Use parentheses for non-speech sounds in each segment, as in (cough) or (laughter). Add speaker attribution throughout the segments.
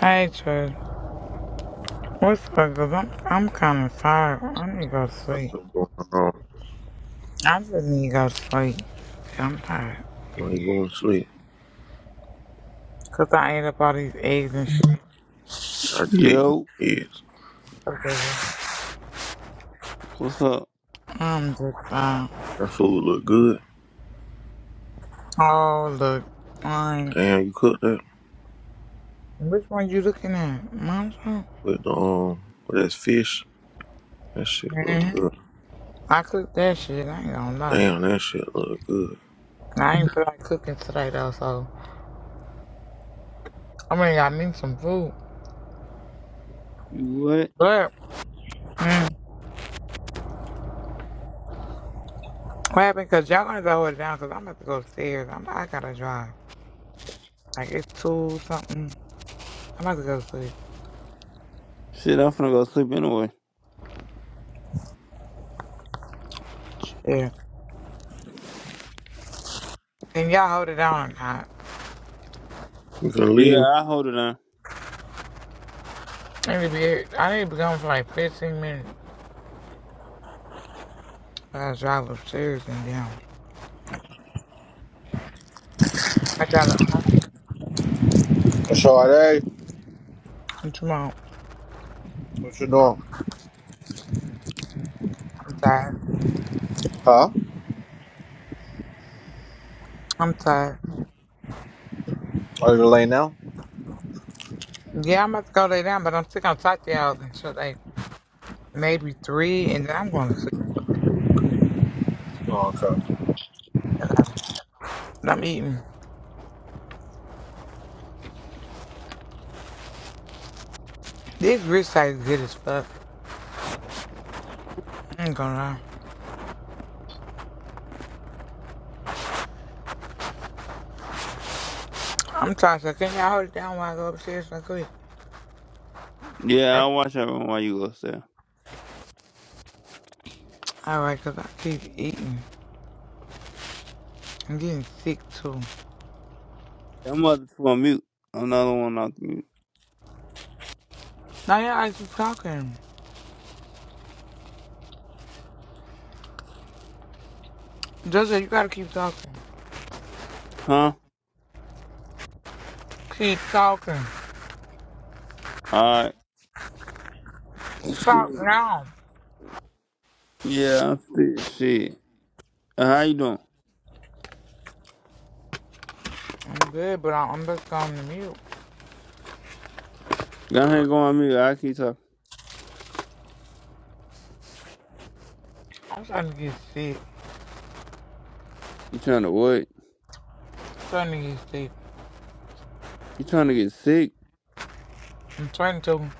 Speaker 1: Hey, Trey. What's up? Cause I'm I'm kind of tired. I need to go to sleep.
Speaker 2: What's going on?
Speaker 1: I just need to go to sleep. Yeah, I'm tired.
Speaker 2: Why you going to sleep?
Speaker 1: Cause I ate up all these eggs and shit.
Speaker 2: I could eat
Speaker 3: Yo,
Speaker 2: eggs.
Speaker 1: Okay.
Speaker 3: what's up?
Speaker 1: I'm just tired.
Speaker 2: That food look good.
Speaker 1: Oh look, mine.
Speaker 2: Damn, you cooked that
Speaker 1: Which one you looking at? Mom's one.
Speaker 2: with the um with that fish. That shit look
Speaker 1: hmm
Speaker 2: good.
Speaker 1: I cooked that shit. I ain't gonna lie.
Speaker 2: Damn, that shit look good.
Speaker 1: I ain't feel like cooking today though. So I mean, I need some food.
Speaker 3: You what?
Speaker 1: But mm, what happened? Cause y'all gotta hold it down. Cause I'm about to go upstairs. I'm I gotta drive. Like it's two something. I'm about to go to sleep.
Speaker 3: Shit, I'm finna go sleep anyway.
Speaker 1: Yeah. Can y'all hold it down or not?
Speaker 2: You can
Speaker 3: Yeah,
Speaker 2: leave
Speaker 3: I hold it down.
Speaker 1: I need to be, I need to be gone for like 15 minutes. I gotta drive upstairs and down. I gotta, um,
Speaker 4: Sade,
Speaker 1: I'm
Speaker 4: what you doing?
Speaker 1: I'm tired.
Speaker 4: Huh?
Speaker 1: I'm tired.
Speaker 4: Are you late now?
Speaker 1: Yeah, I'm about to go lay down, but I'm still gonna talk to y'all until like maybe three, and then I'm going to sleep. Fuck that.
Speaker 4: Oh, okay.
Speaker 1: I am eating. This rich side is good as fuck. I ain't gonna lie. I'm tired, so can y'all hold it down while I go upstairs right quick?
Speaker 3: Yeah, I'll watch everyone while you go upstairs.
Speaker 1: Alright, 'cause I keep eating. I'm getting sick too.
Speaker 3: That mother's on mute. Another one off mute.
Speaker 1: Now y'all just talking. Joseph, you gotta keep talking.
Speaker 3: Huh?
Speaker 1: Keep talking.
Speaker 3: Alright.
Speaker 1: Talk
Speaker 3: Shit.
Speaker 1: now.
Speaker 3: Yeah, I'm fit. Shit. Uh, How you doing?
Speaker 1: I'm good, but I- am just going to mute.
Speaker 3: Go ahead and go on mute. I keep talking.
Speaker 1: I'm starting to get sick.
Speaker 3: You trying to what?
Speaker 1: I'm starting to get sick.
Speaker 3: You trying to get sick?
Speaker 1: I'm starting to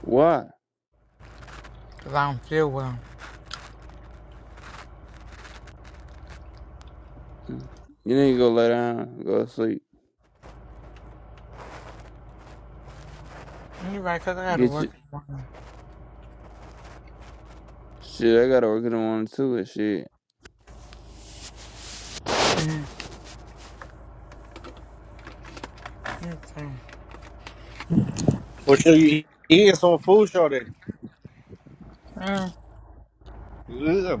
Speaker 3: Why?
Speaker 1: 'cause I don't feel well.
Speaker 3: Mm. You need to go lay down. Go to sleep.
Speaker 1: You're right, 'cause I gotta
Speaker 3: Get
Speaker 1: work
Speaker 3: your...
Speaker 1: tomorrow.
Speaker 3: Shit, I gotta work in the morning too and shit.
Speaker 1: You too.
Speaker 4: What you, you eating some food, Sade?
Speaker 1: Mm.
Speaker 4: Yeah.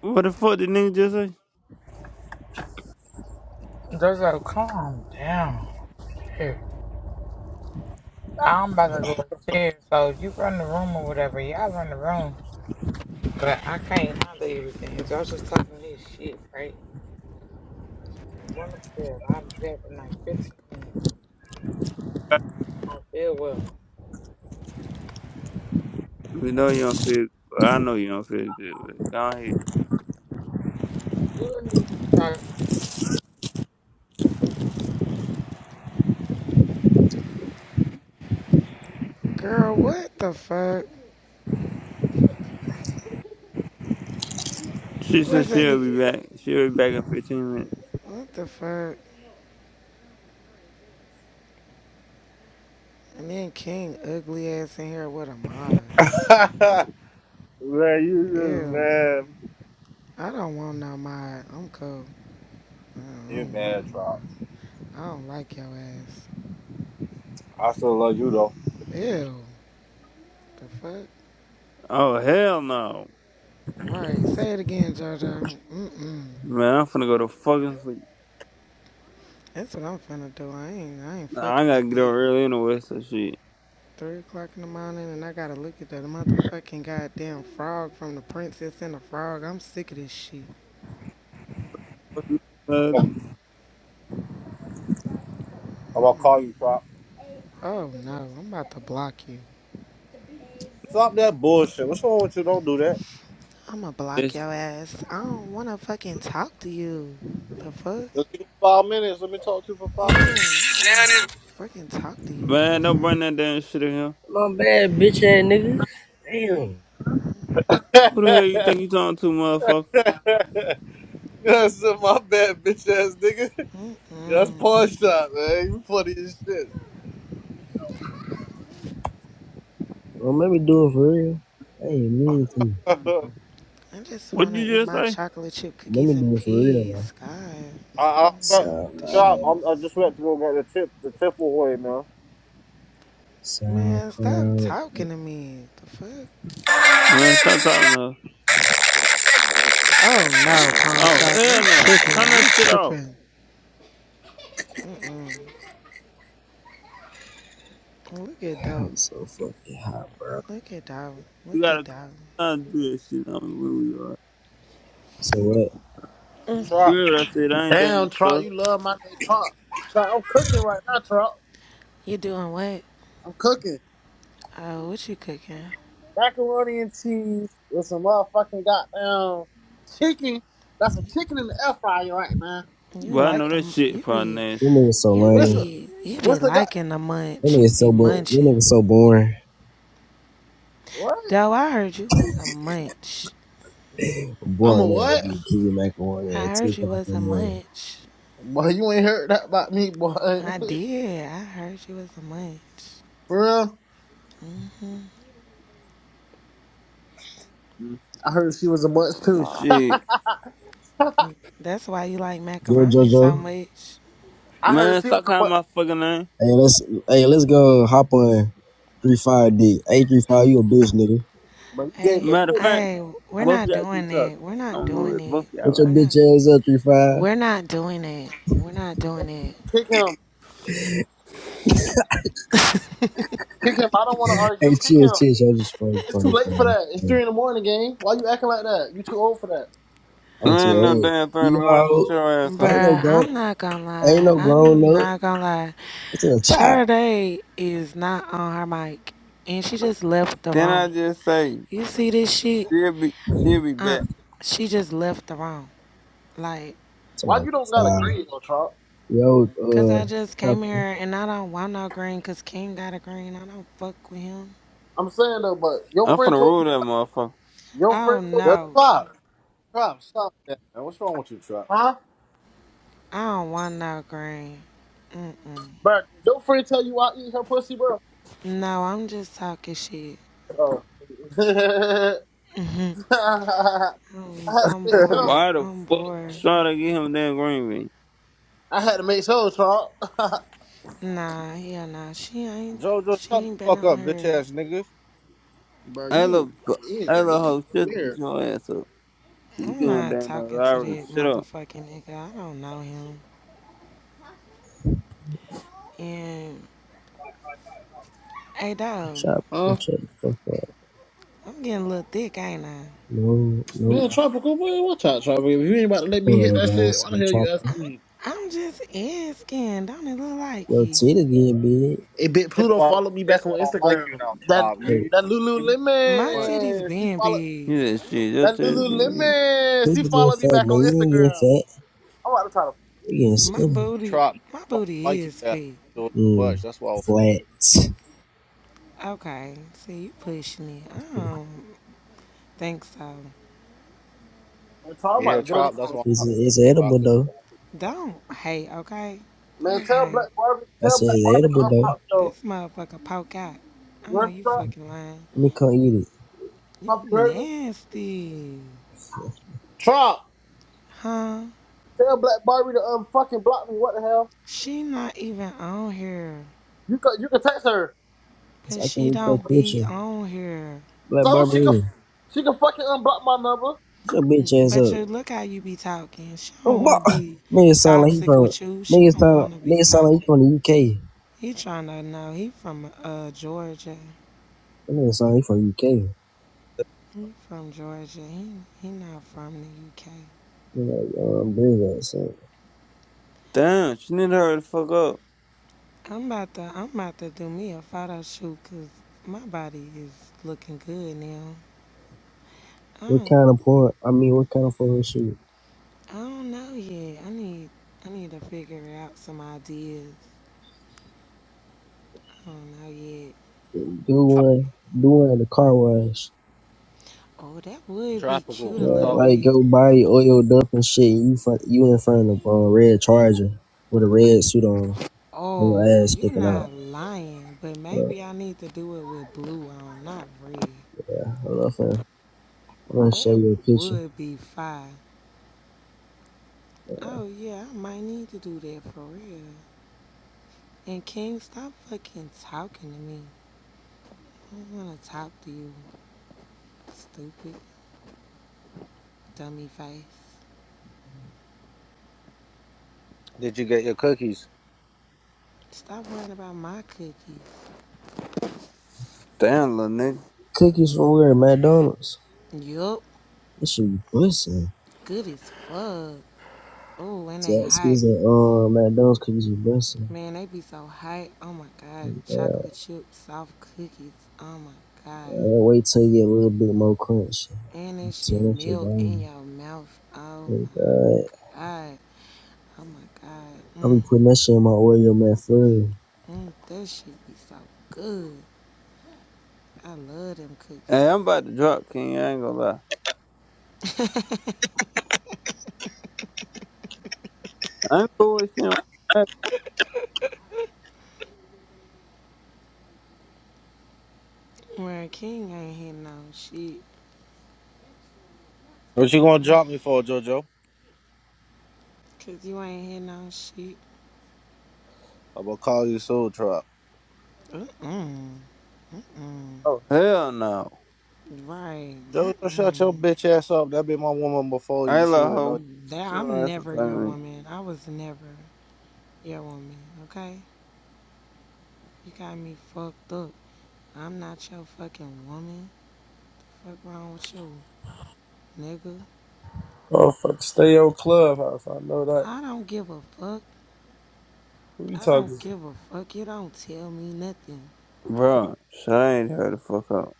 Speaker 3: What the fuck did nigga just say?
Speaker 1: Joseph, calm down. Here. I'm about to go upstairs, so you run the room or whatever. Y'all run the room. But I can't handle everything. Y'all just talking this shit, right? One of them, I'll be back in like 15 minutes. I don't feel well.
Speaker 3: We know you don't feel. well, I know you don't feel good. But go ahead.
Speaker 1: You need to start
Speaker 5: Girl, what the fuck?
Speaker 3: She said
Speaker 5: What's that
Speaker 3: she'll be
Speaker 5: nigga?
Speaker 3: back. She'll be back in fifteen minutes.
Speaker 5: What the fuck? And then King ugly ass in here with a mod.
Speaker 4: (laughs) man, you just
Speaker 5: Ew.
Speaker 4: mad.
Speaker 5: I don't want no mod. I'm cold. I don't, I
Speaker 4: You
Speaker 5: don't want
Speaker 4: mad,
Speaker 5: no
Speaker 4: Trop.
Speaker 5: mod. I don't like your ass.
Speaker 4: I still love you, though.
Speaker 5: Ew. The fuck?
Speaker 3: Oh hell no,
Speaker 5: Right. Say it again, JoJo. Mm-mm.
Speaker 3: man! I'm finna go to fucking sleep.
Speaker 5: That's what I'm finna do. I ain't I ain't
Speaker 3: Nah,
Speaker 5: fucking
Speaker 3: I gotta
Speaker 5: with
Speaker 3: get up
Speaker 5: that.
Speaker 3: early anyway. So shit.
Speaker 5: Three o'clock in the morning and I gotta look at that motherfucking goddamn frog from the princess and the frog. I'm sick of this shit.
Speaker 3: Fuck you, uh,
Speaker 4: I'm gonna call you, Trop.
Speaker 5: Oh no, I'm about to block you.
Speaker 4: Stop that bullshit. What's wrong with you? Don't do that.
Speaker 5: I'ma block
Speaker 3: it's-
Speaker 5: your ass. I don't wanna fucking talk to you. The fuck?
Speaker 4: Just give me five minutes. Let me talk to you for five minutes.
Speaker 5: Man, I don't wanna fucking talk to you. The
Speaker 3: Man, don't bring
Speaker 5: fuck?
Speaker 3: that damn shit in here.
Speaker 6: My bad, bitch ass nigga. Damn.
Speaker 3: Who the hell
Speaker 4: (laughs)
Speaker 3: you think you talking to, motherfucker?
Speaker 4: That's my bad, bitch ass nigga. (laughs) That's
Speaker 5: Mm-mm.
Speaker 4: pawn shot, man. You funny as
Speaker 6: Well, let me do it for real. I ain't mean to.
Speaker 4: shit. (laughs)
Speaker 5: I just
Speaker 3: What
Speaker 5: wanna
Speaker 3: you
Speaker 5: eat
Speaker 3: just
Speaker 5: my
Speaker 3: say?
Speaker 5: chocolate chip
Speaker 6: Let me
Speaker 5: cookies in
Speaker 6: do it for real now.
Speaker 5: peace. God. Mm,
Speaker 4: I, I,
Speaker 5: I
Speaker 4: I
Speaker 5: don't want this
Speaker 4: trap.
Speaker 5: shit.
Speaker 6: SoundCloud.
Speaker 4: I'm, I just went to go get the tip, the tipple away, man.
Speaker 5: Man, stop
Speaker 6: SoundCloud.
Speaker 5: talking to me. The fuck?
Speaker 3: Man, stop talking to her.
Speaker 5: Oh no, pawn
Speaker 3: Oh
Speaker 5: shop. You
Speaker 3: hell no! Turn
Speaker 5: tripping.
Speaker 3: that
Speaker 5: You
Speaker 3: shit off.
Speaker 5: tripping. Mm-mm. Look at that.
Speaker 6: I'm so fucking hot, bro.
Speaker 5: Look at that.
Speaker 3: You
Speaker 5: Look at
Speaker 3: gotta
Speaker 5: that.
Speaker 3: not do that shit on where we are.
Speaker 6: So what?
Speaker 3: You
Speaker 4: Chop.
Speaker 3: heard what I said? I ain't damn
Speaker 7: Damn, Trump,
Speaker 3: stuff,
Speaker 7: you love my name, Trump. Trump, I'm cooking right now, Trump.
Speaker 5: You doing what?
Speaker 7: I'm cooking
Speaker 5: Oh, what you cooking?
Speaker 7: macaroni and cheese with some motherfucking goddamn chicken. That's a chicken in the air fryer right now.
Speaker 5: You
Speaker 3: but I
Speaker 5: like
Speaker 3: know that
Speaker 5: them.
Speaker 3: shit
Speaker 5: You
Speaker 3: probably
Speaker 5: be
Speaker 3: nasty.
Speaker 6: This nigga so
Speaker 5: You
Speaker 7: What's
Speaker 6: lame.
Speaker 7: the,
Speaker 5: be you be
Speaker 7: what's the god?
Speaker 5: liking a
Speaker 6: This
Speaker 5: munch. You
Speaker 6: nigga
Speaker 5: be
Speaker 6: so bo- this
Speaker 5: munching.
Speaker 6: nigga so boring.
Speaker 7: What?
Speaker 5: Though I heard you was a munch.
Speaker 7: I'm a
Speaker 6: Boring nigga.
Speaker 7: what?
Speaker 6: You keep your macaroni
Speaker 5: I
Speaker 6: at two
Speaker 5: heard you
Speaker 6: o'clock in
Speaker 5: was
Speaker 6: the
Speaker 5: a
Speaker 6: morning.
Speaker 5: munch.
Speaker 7: Boy, you ain't heard that about me, boy. (laughs)
Speaker 5: I did. I heard you was a munch.
Speaker 7: For real? Mm, I heard she was a mutt too.
Speaker 3: Shit.
Speaker 7: (laughs)
Speaker 5: That's why you like
Speaker 6: Yo,
Speaker 5: macaroni so
Speaker 6: Jojo.
Speaker 5: much.
Speaker 7: I heard
Speaker 3: Man,
Speaker 7: she was
Speaker 3: stop
Speaker 7: a
Speaker 3: calling
Speaker 7: mutt.
Speaker 3: my fucking name.
Speaker 6: Hey, let's hey, let's go hop on three five D. Hey, three five, you a bitch, nigga.
Speaker 7: But you gay,
Speaker 5: Hey,
Speaker 7: but
Speaker 3: Matter of
Speaker 7: you
Speaker 3: fact,
Speaker 5: hey, we're
Speaker 3: both of
Speaker 5: not
Speaker 3: y'all keep
Speaker 5: doing
Speaker 3: talking.
Speaker 5: it. We're not
Speaker 3: I'm gonna
Speaker 5: doing
Speaker 3: with both
Speaker 5: it.
Speaker 3: of y'all
Speaker 6: Put your
Speaker 5: We're
Speaker 3: like.
Speaker 6: bitch
Speaker 5: not.
Speaker 6: ass up, three five.
Speaker 5: We're not doing it. We're not doing it.
Speaker 7: kick him. Kick him. I don't want to
Speaker 6: Hey,
Speaker 7: argue. Kick
Speaker 6: chill,
Speaker 7: him.
Speaker 6: chill. I just find it
Speaker 7: It's too
Speaker 6: funny,
Speaker 7: late
Speaker 6: for,
Speaker 7: for
Speaker 6: funny.
Speaker 7: that. It's
Speaker 6: Yeah.
Speaker 7: three in the morning, gang. Why you acting like that? You too old for that.
Speaker 3: You
Speaker 6: I'm too
Speaker 3: ain't no
Speaker 6: old.
Speaker 3: damn thing
Speaker 6: You
Speaker 3: in the
Speaker 6: know,
Speaker 3: morning.
Speaker 6: how
Speaker 3: Shut
Speaker 6: old-
Speaker 3: your ass
Speaker 6: I
Speaker 3: up.
Speaker 6: ain't no
Speaker 5: Bruh,
Speaker 6: grown.
Speaker 5: I'm not gonna
Speaker 6: I ain't
Speaker 5: lie.
Speaker 6: no
Speaker 5: I'm
Speaker 6: grown up.
Speaker 5: not gonna lie.
Speaker 6: It's a child.
Speaker 5: Sade is not on her mic, and she just left the
Speaker 3: Then I
Speaker 5: room.
Speaker 3: just say,
Speaker 5: You see this shit?
Speaker 3: she'll be, she'll be
Speaker 5: Uh,
Speaker 3: back.
Speaker 5: she just left the room. Like,
Speaker 6: Come
Speaker 7: Why
Speaker 6: on,
Speaker 7: you don't got a
Speaker 6: child.
Speaker 7: grid though, Trump?
Speaker 6: Yo,
Speaker 5: cause I
Speaker 6: uh,
Speaker 5: just came
Speaker 6: chopper,
Speaker 5: here and I don't want no green, cause King got a green. I don't fuck with him.
Speaker 7: I'm saying though, but your
Speaker 3: I'm finna
Speaker 7: friend told
Speaker 3: rule
Speaker 7: you,
Speaker 3: that motherfucker.
Speaker 7: your
Speaker 5: Oh
Speaker 7: friend told you,
Speaker 4: Yo,
Speaker 5: no,
Speaker 4: chop. Chop. Stop that, man. What's wrong with you, chop?
Speaker 7: huh?
Speaker 5: I don't want no green. Mm-mm.
Speaker 7: Bro, did your friend tell you I eat her pussy, bro?
Speaker 5: No, I'm just talking shit.
Speaker 7: Oh. (laughs) I
Speaker 5: I'm,
Speaker 7: had to
Speaker 5: I'm
Speaker 7: make sure.
Speaker 5: bored.
Speaker 3: Why the
Speaker 5: I'm
Speaker 3: fuck
Speaker 5: bored.
Speaker 3: should to get him damn green bean?
Speaker 7: I had to make sure, Trump. (laughs)
Speaker 5: Nah, yeah, nah. She ain't.
Speaker 4: Jojo,
Speaker 5: She
Speaker 4: shut the
Speaker 5: ain't been
Speaker 4: fuck
Speaker 5: on
Speaker 4: up, bitch
Speaker 5: her.
Speaker 4: ass niggas.
Speaker 7: bro,
Speaker 3: Hey,
Speaker 7: you
Speaker 3: look, bu- hey,
Speaker 7: weird.
Speaker 3: look,
Speaker 7: Y'all
Speaker 3: hoe,
Speaker 7: niggas
Speaker 3: shut
Speaker 7: weird.
Speaker 3: your ass up. You
Speaker 5: I'm
Speaker 3: going
Speaker 5: not
Speaker 3: down the
Speaker 5: talking to
Speaker 3: library,
Speaker 5: that
Speaker 3: shut up.
Speaker 5: motherfucking nigga. I don't know him. And hey, dog,
Speaker 7: Huh?
Speaker 6: chopper, shut the fuck up.
Speaker 5: I'm getting a little thick, ain't I?
Speaker 6: No, no,
Speaker 7: Man, Tropical, boy, watch out, Tropical. If you ain't about to let me hit
Speaker 6: uh,
Speaker 7: that
Speaker 6: man,
Speaker 7: shit, why the
Speaker 6: say
Speaker 7: hell you
Speaker 6: chopper.
Speaker 7: asking me?
Speaker 5: I'm just asking. Don't it look like
Speaker 6: Yo,
Speaker 5: you?
Speaker 6: Tita getting big.
Speaker 7: It bit
Speaker 4: That's
Speaker 7: Pluto
Speaker 4: why I don't,
Speaker 7: followed me
Speaker 4: that's
Speaker 7: back
Speaker 4: why
Speaker 7: on
Speaker 4: I don't like
Speaker 7: Instagram.
Speaker 4: you now,
Speaker 7: That
Speaker 4: chop. You,
Speaker 6: Hey,
Speaker 4: you,
Speaker 7: that
Speaker 4: you you
Speaker 5: My
Speaker 4: want
Speaker 5: titties
Speaker 7: Lululemon, she
Speaker 5: been
Speaker 7: followed
Speaker 5: big.
Speaker 3: You that shit, your
Speaker 7: that
Speaker 3: too.
Speaker 7: Lululemon.
Speaker 6: who's
Speaker 7: She
Speaker 6: getting
Speaker 7: followed me
Speaker 6: fat,
Speaker 7: back
Speaker 6: man?
Speaker 7: on
Speaker 6: You ain't getting
Speaker 7: Instagram.
Speaker 6: fat.
Speaker 7: I'm about to try to.
Speaker 6: You getting
Speaker 5: My
Speaker 6: skinny.
Speaker 5: booty,
Speaker 4: chop? That's
Speaker 5: my
Speaker 4: why I don't
Speaker 5: booty
Speaker 4: like you
Speaker 5: is
Speaker 4: that
Speaker 5: fake.
Speaker 4: do it too
Speaker 6: Mm,
Speaker 4: much. That's why. I fuck.
Speaker 6: flat. It's,
Speaker 5: Okay, see you pushing it. I don't think so.
Speaker 7: Man, Troy, I'm
Speaker 5: You
Speaker 7: about
Speaker 4: Yeah,
Speaker 7: to get on the
Speaker 4: chop. That's
Speaker 7: phone.
Speaker 4: why.
Speaker 7: Troy.
Speaker 6: it's
Speaker 4: I don't
Speaker 6: edible though.
Speaker 4: like
Speaker 5: don't hate, okay?
Speaker 7: Man,
Speaker 5: Don't
Speaker 7: tell
Speaker 5: hate.
Speaker 7: Black Barbie,
Speaker 6: I
Speaker 7: tell
Speaker 6: said
Speaker 7: Black
Speaker 6: it's
Speaker 7: Barbie to
Speaker 6: edible though.
Speaker 7: unblock me
Speaker 5: This
Speaker 7: though.
Speaker 5: motherfucker poke out. I
Speaker 7: You
Speaker 5: know
Speaker 7: heard me,
Speaker 5: you
Speaker 7: Trop?
Speaker 5: fucking lying.
Speaker 6: Let me come eat
Speaker 5: You
Speaker 7: Trop, you heard me?
Speaker 5: nasty,
Speaker 6: it.
Speaker 7: Trop,
Speaker 5: huh?
Speaker 7: tell Black Barbie to um fucking block me. What the hell?
Speaker 5: She not even on here,
Speaker 7: You can you can text her
Speaker 6: It's
Speaker 5: but
Speaker 6: like when
Speaker 5: she
Speaker 6: you throw
Speaker 5: don't be
Speaker 6: coochie.
Speaker 5: on here.
Speaker 6: Like
Speaker 7: so
Speaker 6: Barbie,
Speaker 7: she can
Speaker 6: Hannah,
Speaker 7: she can fucking unblock my number.
Speaker 6: shut your bitch ass
Speaker 5: But
Speaker 6: up.
Speaker 5: you look how you be talking. She don't
Speaker 6: Um,
Speaker 5: want to
Speaker 6: bo-
Speaker 5: be
Speaker 6: (laughs) nigga sound like he
Speaker 5: toxic
Speaker 6: from
Speaker 5: with you. She
Speaker 6: nigga
Speaker 5: don't
Speaker 6: sound
Speaker 5: want to be
Speaker 6: nigga sound like he
Speaker 5: toxic.
Speaker 6: from the UK.
Speaker 5: He trying to know. He from uh Georgia.
Speaker 6: That nigga sound like he from the UK.
Speaker 5: He from Georgia. He he not from the UK.
Speaker 6: Nigga, like, um, bring that shit.
Speaker 3: Damn, she need to hurry the fuck up.
Speaker 5: I'm about to I'm about to do me a photo shoot 'cause my body is looking good now. I
Speaker 6: What
Speaker 5: don't
Speaker 6: kind of porn? I mean, what kind of porn shoot?
Speaker 5: I don't know yet. I need I need to figure out some ideas. I don't know yet.
Speaker 6: Do
Speaker 4: trap.
Speaker 6: one, do one at the car wash.
Speaker 5: Oh, that would be
Speaker 4: Tropical.
Speaker 5: cute a
Speaker 4: I'm
Speaker 6: Yeah,
Speaker 5: little
Speaker 4: talking.
Speaker 6: like
Speaker 5: bit.
Speaker 6: go body oiled up and shit. And you front, you in front of a uh, red charger with a red suit on and your
Speaker 5: Oh,
Speaker 6: ass
Speaker 5: you're
Speaker 6: sticking out.
Speaker 5: not lying, but
Speaker 6: Hold up,
Speaker 5: maybe I need to do it with blue on, not red.
Speaker 6: hold up, fam. I'm gonna show
Speaker 5: That
Speaker 6: you a picture.
Speaker 5: would be fine. Oh, yeah, I might need to do that for real. And King, stop fucking talking to me. I don't want to talk to you, stupid dummy face.
Speaker 4: Did you get your cookies?
Speaker 5: Stop worrying about my cookies.
Speaker 3: Damn, little nigga.
Speaker 6: Cookies from where? McDonald's.
Speaker 5: Yup,
Speaker 6: This should be busting.
Speaker 5: good as fuck. Oh, and they
Speaker 6: Jack
Speaker 5: hot.
Speaker 6: season, um, McDonald's cookies with busting.
Speaker 5: Man, they be so hot. Oh my god, chocolate chip soft cookies. Oh my god.
Speaker 6: Uh, wait till you get a little bit more crunch.
Speaker 5: And it
Speaker 6: Tear
Speaker 5: shit
Speaker 6: that shit
Speaker 5: melt in
Speaker 6: down.
Speaker 5: your mouth. Oh
Speaker 6: Oh, God.
Speaker 5: my god. Oh my god.
Speaker 6: I'll
Speaker 5: Mm,
Speaker 6: be putting that shit in my Oreo McFlurry.
Speaker 5: mm, that shit be so good. I love them
Speaker 3: Hey, I'm
Speaker 5: cookies.
Speaker 3: about to drop King, I ain't gonna lie. i boys seem like that.
Speaker 5: (laughs) Mary King ain't hit no shit.
Speaker 4: What you gonna drop me for, Jojo?
Speaker 5: Cause you ain't hit no shit.
Speaker 4: I'm gonna call you soul Chop.
Speaker 5: Mm-mm. Mm-mm.
Speaker 3: Oh, hell no.
Speaker 5: Right.
Speaker 4: Jojo, shut your
Speaker 5: Mm-mm.
Speaker 4: bitch ass up. That be my woman before
Speaker 3: Hey,
Speaker 4: you. She
Speaker 3: little
Speaker 4: even know.
Speaker 3: hoe.
Speaker 5: That
Speaker 3: Sit your
Speaker 5: I'm
Speaker 3: ass up
Speaker 5: never
Speaker 3: talking
Speaker 5: your
Speaker 3: to me.
Speaker 5: woman. I was never your woman. Okay? You got me fucked up. I'm not your fucking woman. Fuck wrong with you, nigga.
Speaker 8: Oh, fuck, stay your clubhouse. I know that.
Speaker 5: I don't give a fuck.
Speaker 8: Who you
Speaker 5: I don't
Speaker 8: talking?
Speaker 5: give a fuck. You don't tell me nothing.
Speaker 3: Bro, Sade ain't her the fuck up.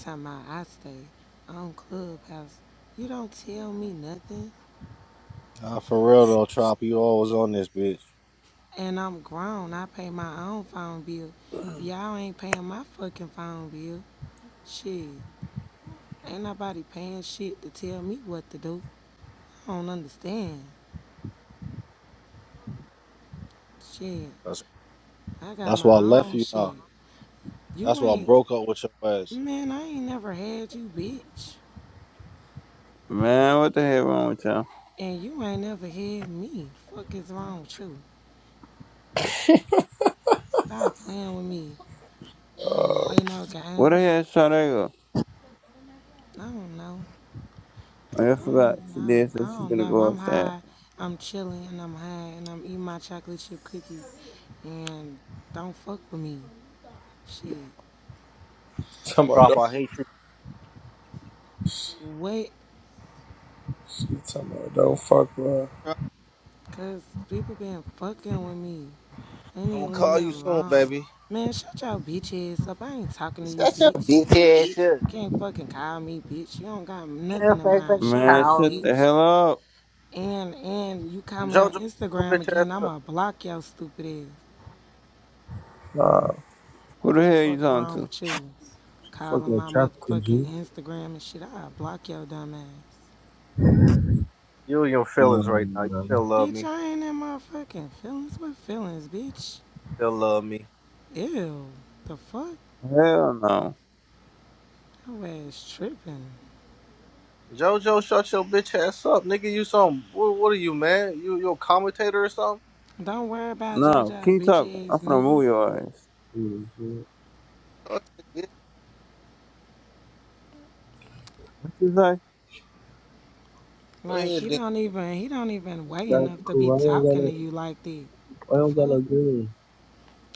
Speaker 5: Time out, I stay on Clubhouse. You don't tell me nothing.
Speaker 4: Nah, for real though, Trop. You always on this bitch.
Speaker 5: And I'm grown. I pay my own phone bill. Y'all ain't paying my fucking phone bill. Shit. Ain't nobody paying shit to tell me what to do. I don't understand. Shit.
Speaker 4: That's
Speaker 5: I got
Speaker 4: that's why I
Speaker 5: my
Speaker 4: left
Speaker 5: own
Speaker 4: you. Nah.
Speaker 5: shit.
Speaker 4: That's
Speaker 5: You
Speaker 4: why I
Speaker 5: ain't.
Speaker 4: broke up with your ass.
Speaker 5: Man, I ain't never had you, bitch.
Speaker 3: Man, what the hell wrong with y'all?
Speaker 5: And you ain't never had me. Fuck is wrong with you? Stop playing with me. I don't
Speaker 8: Uh,
Speaker 5: play no
Speaker 3: Where the
Speaker 5: games.
Speaker 3: hell Sade go?
Speaker 5: I don't know.
Speaker 3: Oh, I
Speaker 5: I
Speaker 3: forgot.
Speaker 5: don't
Speaker 3: She
Speaker 5: know.
Speaker 3: did
Speaker 5: I
Speaker 3: say she
Speaker 5: don't
Speaker 3: gonna
Speaker 5: know.
Speaker 3: go
Speaker 5: I'm
Speaker 3: upstairs.
Speaker 5: high. I'm chilling and I'm high and I'm eating my chocolate chip cookies. And don't fuck with me. Shit.
Speaker 8: talking about
Speaker 4: Trop,
Speaker 8: don't.
Speaker 4: I hate you.
Speaker 8: She
Speaker 5: Wait,
Speaker 8: talking about don't fuck with.
Speaker 4: Trop,
Speaker 5: cause people been fucking with me. They
Speaker 4: I'm
Speaker 5: need
Speaker 4: gonna
Speaker 5: to leave
Speaker 4: call
Speaker 5: me
Speaker 4: you soon,
Speaker 5: alone.
Speaker 4: baby.
Speaker 5: Man, shut your bitch ass up. I ain't talking to you,
Speaker 4: Shut your
Speaker 5: bitch.
Speaker 4: bitch ass
Speaker 5: You
Speaker 4: up.
Speaker 5: can't fucking call me, bitch. You don't got
Speaker 4: Girl,
Speaker 5: nothing of
Speaker 4: face
Speaker 5: mine.
Speaker 4: like a
Speaker 5: Shut
Speaker 3: Man,
Speaker 5: up,
Speaker 3: shut the
Speaker 5: bitch.
Speaker 3: hell up.
Speaker 5: And and you call me on
Speaker 4: Jojo, shut your
Speaker 5: Instagram
Speaker 4: bitch ass
Speaker 5: again,
Speaker 4: up.
Speaker 5: I'ma block your stupid ass.
Speaker 8: her.
Speaker 3: Who the hell you
Speaker 5: Fuck
Speaker 3: talking
Speaker 5: wrong
Speaker 3: to?
Speaker 5: with you? Calling
Speaker 6: Fucking with
Speaker 5: my
Speaker 6: tropical
Speaker 5: motherfucking
Speaker 6: juice.
Speaker 5: Instagram and shit, I'll block your dumb ass.
Speaker 4: You and your
Speaker 6: Yeah,
Speaker 4: feelings right now. You
Speaker 6: man.
Speaker 4: still love
Speaker 5: Bitch,
Speaker 4: me.
Speaker 5: I ain't in my fucking feelings with feelings, bitch.
Speaker 4: Still love me.
Speaker 5: Ew. The fuck?
Speaker 3: Hell no.
Speaker 5: Your ass tripping.
Speaker 4: Jojo, shut your bitch ass up, nigga. You some what? What are you, man? You you a commentator or something?
Speaker 5: Don't worry about
Speaker 3: No,
Speaker 5: JoJo
Speaker 3: keep
Speaker 5: bitch
Speaker 3: talking.
Speaker 5: ass
Speaker 3: I'm finna
Speaker 5: nigga.
Speaker 3: move your ass.
Speaker 6: Holy shit.
Speaker 4: Go ahead, dick.
Speaker 3: What you say?
Speaker 4: Go
Speaker 5: Like
Speaker 4: ahead,
Speaker 5: he
Speaker 4: dick.
Speaker 5: don't even he don't even weigh enough to
Speaker 6: Tropical,
Speaker 5: be
Speaker 6: why don't got
Speaker 5: talking to
Speaker 6: no,
Speaker 5: you like that.
Speaker 6: why
Speaker 5: The
Speaker 6: don't got
Speaker 5: fuck?
Speaker 6: no green?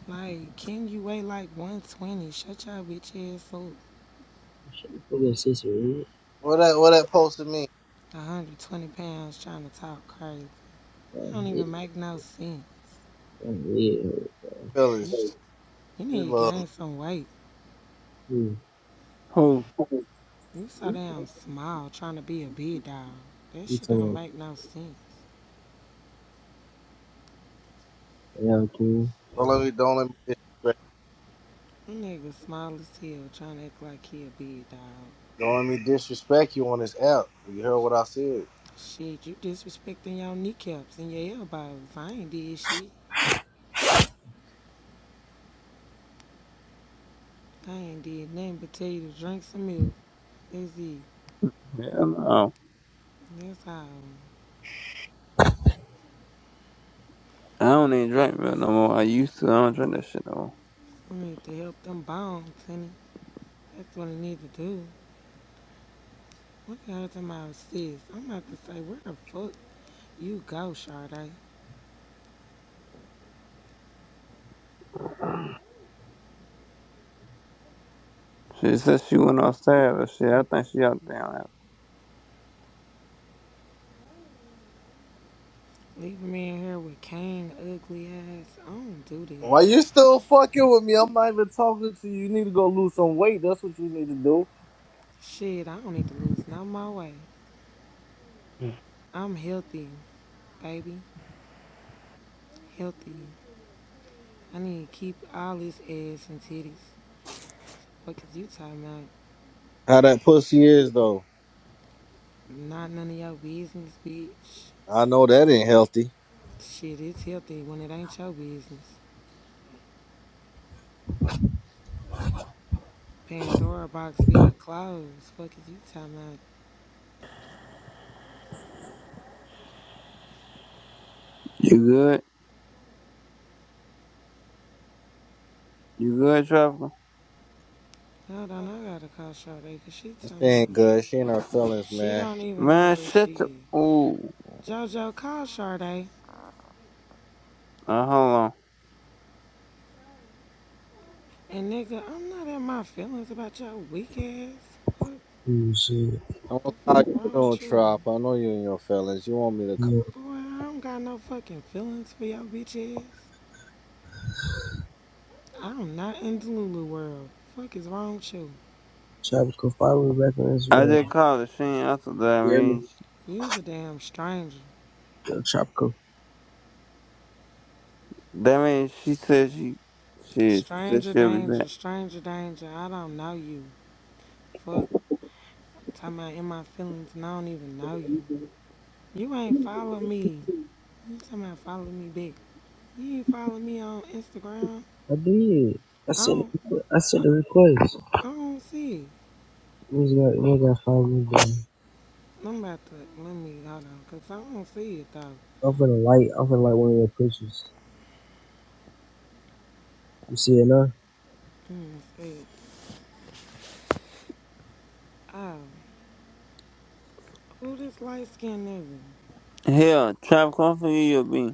Speaker 5: Like, can you weigh like 120? Shut your bitch ass up.
Speaker 6: Shit, fucking sister, red.
Speaker 4: What that what that posted mean?
Speaker 5: 120 pounds trying to talk crazy. You
Speaker 6: Oh,
Speaker 5: don't
Speaker 6: yeah.
Speaker 5: even make no sense.
Speaker 6: Oh, yeah.
Speaker 5: You,
Speaker 4: fellas.
Speaker 5: you
Speaker 4: You
Speaker 5: need to
Speaker 4: love me.
Speaker 5: gain some weight.
Speaker 6: Hmm.
Speaker 3: Who?
Speaker 5: You so damn small trying to be a big dog. That
Speaker 6: You
Speaker 5: shit
Speaker 6: talking
Speaker 5: don't
Speaker 6: about,
Speaker 5: make no sense.
Speaker 6: yeah, okay.
Speaker 4: Don't let me don't let me disrespect
Speaker 5: You Nigga small as hell trying to act like he a big dog.
Speaker 4: don't let me disrespect you on this app. You heard what I said.
Speaker 5: Shit, you disrespecting your kneecaps and your elbows. I ain't did shit. I ain't did nothing but tell you to drink some milk. That's it.
Speaker 3: Hell no.
Speaker 5: That's all.
Speaker 3: I don't even drink milk no more. I used to. I don't drink that shit no more.
Speaker 5: You need to help them bones, honey. That's what I need to do. One thing time I sis, I'm about to say, where the fuck you go, Sade?
Speaker 3: She said she went upstairs or shit. I think she out there.
Speaker 5: Leaving me in here with Kane, ugly ass. I don't do this.
Speaker 4: Why you still fucking with me? I'm not even talking to you. You need to go lose some weight. That's what you need to do.
Speaker 5: Shit, I don't need to lose no more weight. I'm healthy, baby. Healthy. I need to keep all this ass and titties. What is you talking about?
Speaker 4: How that pussy is though.
Speaker 5: Not none of your business, bitch.
Speaker 4: I know that ain't healthy.
Speaker 5: Shit, it's healthy when it ain't your business. Pandora box being closed. Fuck is you talking about?
Speaker 3: You good? You good, Trevor?
Speaker 5: Hold on, I gotta call Sade, cause she
Speaker 4: That
Speaker 5: talking about
Speaker 4: ain't good. She ain't her feelings,
Speaker 5: She
Speaker 4: man.
Speaker 5: don't even know
Speaker 3: Man,
Speaker 5: where
Speaker 3: shut the.
Speaker 5: she is.
Speaker 3: Ooh.
Speaker 5: JoJo, call Sade.
Speaker 3: Uh, hold on.
Speaker 5: And nigga, I'm not in my feelings about your weak ass. What
Speaker 6: Holy shit.
Speaker 4: I'm gonna
Speaker 5: the
Speaker 4: call
Speaker 5: fuck wrong
Speaker 4: you
Speaker 5: with
Speaker 4: soon,
Speaker 5: you?
Speaker 4: Trop. I know you and your feelings. You want me to call
Speaker 6: Yeah.
Speaker 5: Boy, I don't got no fucking feelings for your bitch ass. I'm not in the Lulu world. Fuck is wrong with you?
Speaker 6: Tropical, follow me back on
Speaker 3: I
Speaker 6: Instagram.
Speaker 3: just called her. She ain't answered that.
Speaker 6: You hear me?
Speaker 3: means
Speaker 5: You's a damn stranger.
Speaker 6: Yo, Tropical
Speaker 3: that means she said she she said
Speaker 5: Stranger
Speaker 3: she'll be
Speaker 5: danger,
Speaker 3: back.
Speaker 5: stranger danger. I don't know you. Fuck, talking about in my feelings and I don't even know you. You ain't follow me. You talking about follow me back. You ain't follow me on Instagram.
Speaker 6: I did. I
Speaker 5: I
Speaker 6: sent
Speaker 5: don't,
Speaker 6: the requ- I sent the request.
Speaker 5: I don't see it.
Speaker 6: It was got it got five minutes
Speaker 5: I'm about to, let me, hold on, because I don't see it, though. I
Speaker 6: down. I'm finna like I'm finna like one of your pictures. You see it now?
Speaker 5: don't see it. Oh, who this light-skinned nigga?
Speaker 3: Hell, Trap come for you, You'll be?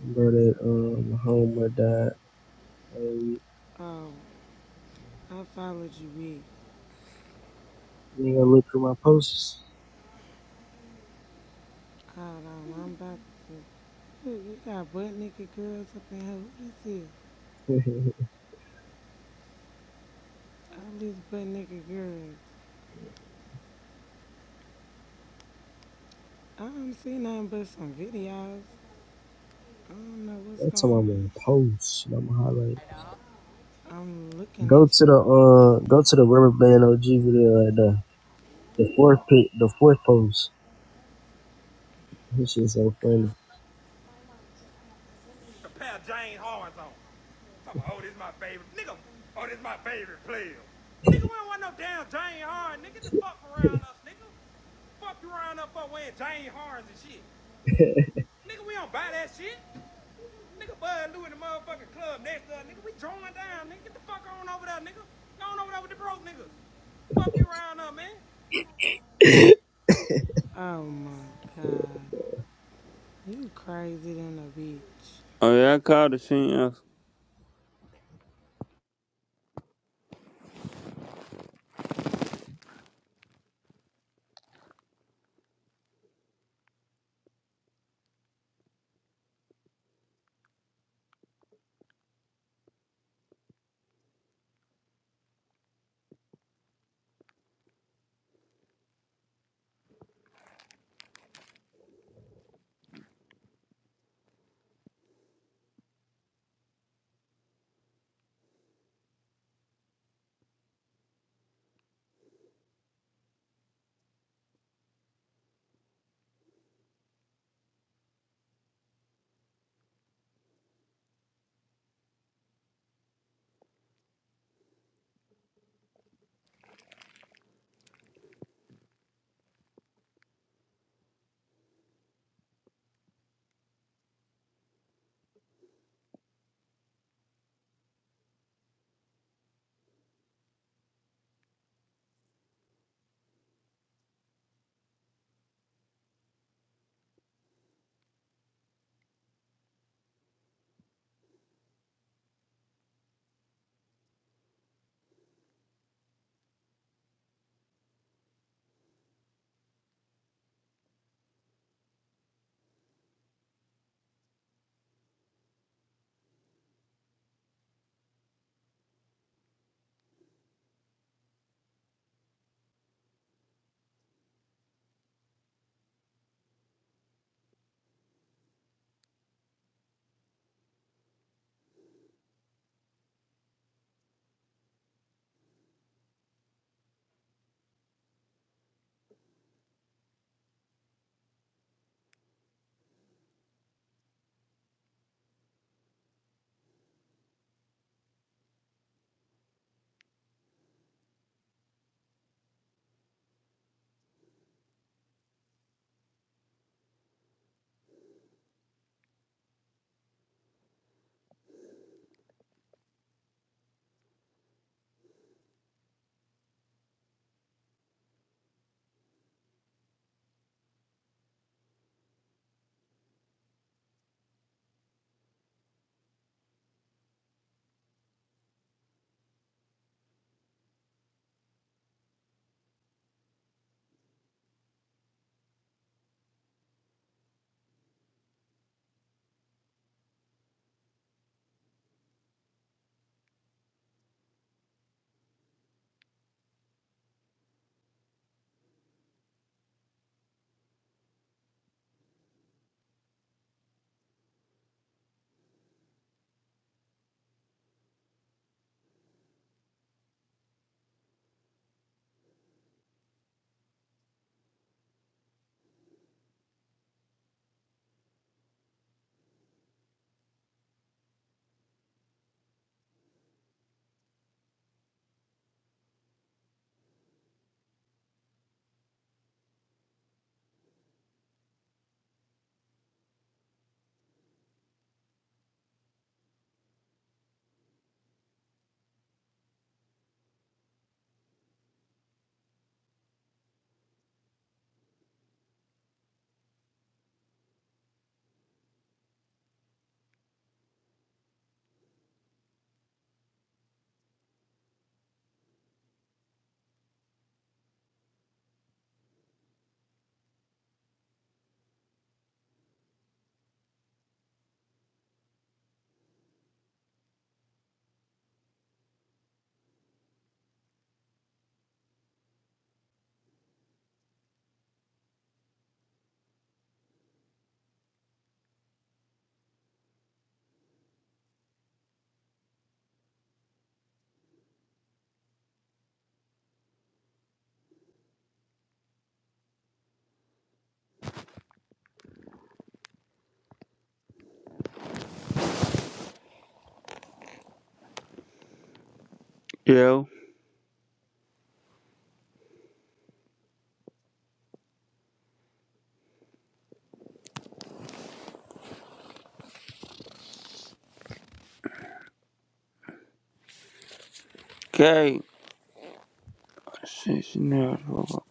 Speaker 6: Bro that um my homeboy died. Hey, you
Speaker 5: Oh, I followed you, Rick.
Speaker 6: ain't gonna look through my posts.
Speaker 5: Hold on, I'm about to, Ooh, you got butt-naked girls up in here. Who this is?
Speaker 6: (laughs) That's
Speaker 5: All these butt-naked girls. I don't see nothing but some videos. I don't know what's going
Speaker 6: how I'm
Speaker 5: on.
Speaker 6: gonna post. and I'm gonna highlight.
Speaker 5: I'm looking
Speaker 6: Go
Speaker 5: at
Speaker 6: to the
Speaker 5: y'all.
Speaker 6: uh go to the rubber band OG video right there. The fourth pic the fourth post. This shit's so funny.
Speaker 5: A pair of Jane Horns on. oh, this is my favorite. Nigga, oh, this is my favorite player. Nigga, we don't want no damn Jane Harden. Nigga, get the fuck around us, nigga. Fuck you around up for wearing Jane Hardens and shit. Nigga, we don't buy that shit. Nigga, Bud Lou in the motherfucking club next to us. Nigga, we drawing down. Nigga, get the fuck on over there, nigga. Go on over there with the broke niggas. Fuck you around up, man. Oh my god. You crazy than a bitch.
Speaker 3: Oh yeah, I called her. She ain't answered. Yo. Okay. Shit, she never spoke up.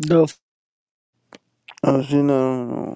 Speaker 9: the
Speaker 3: Oh, she know.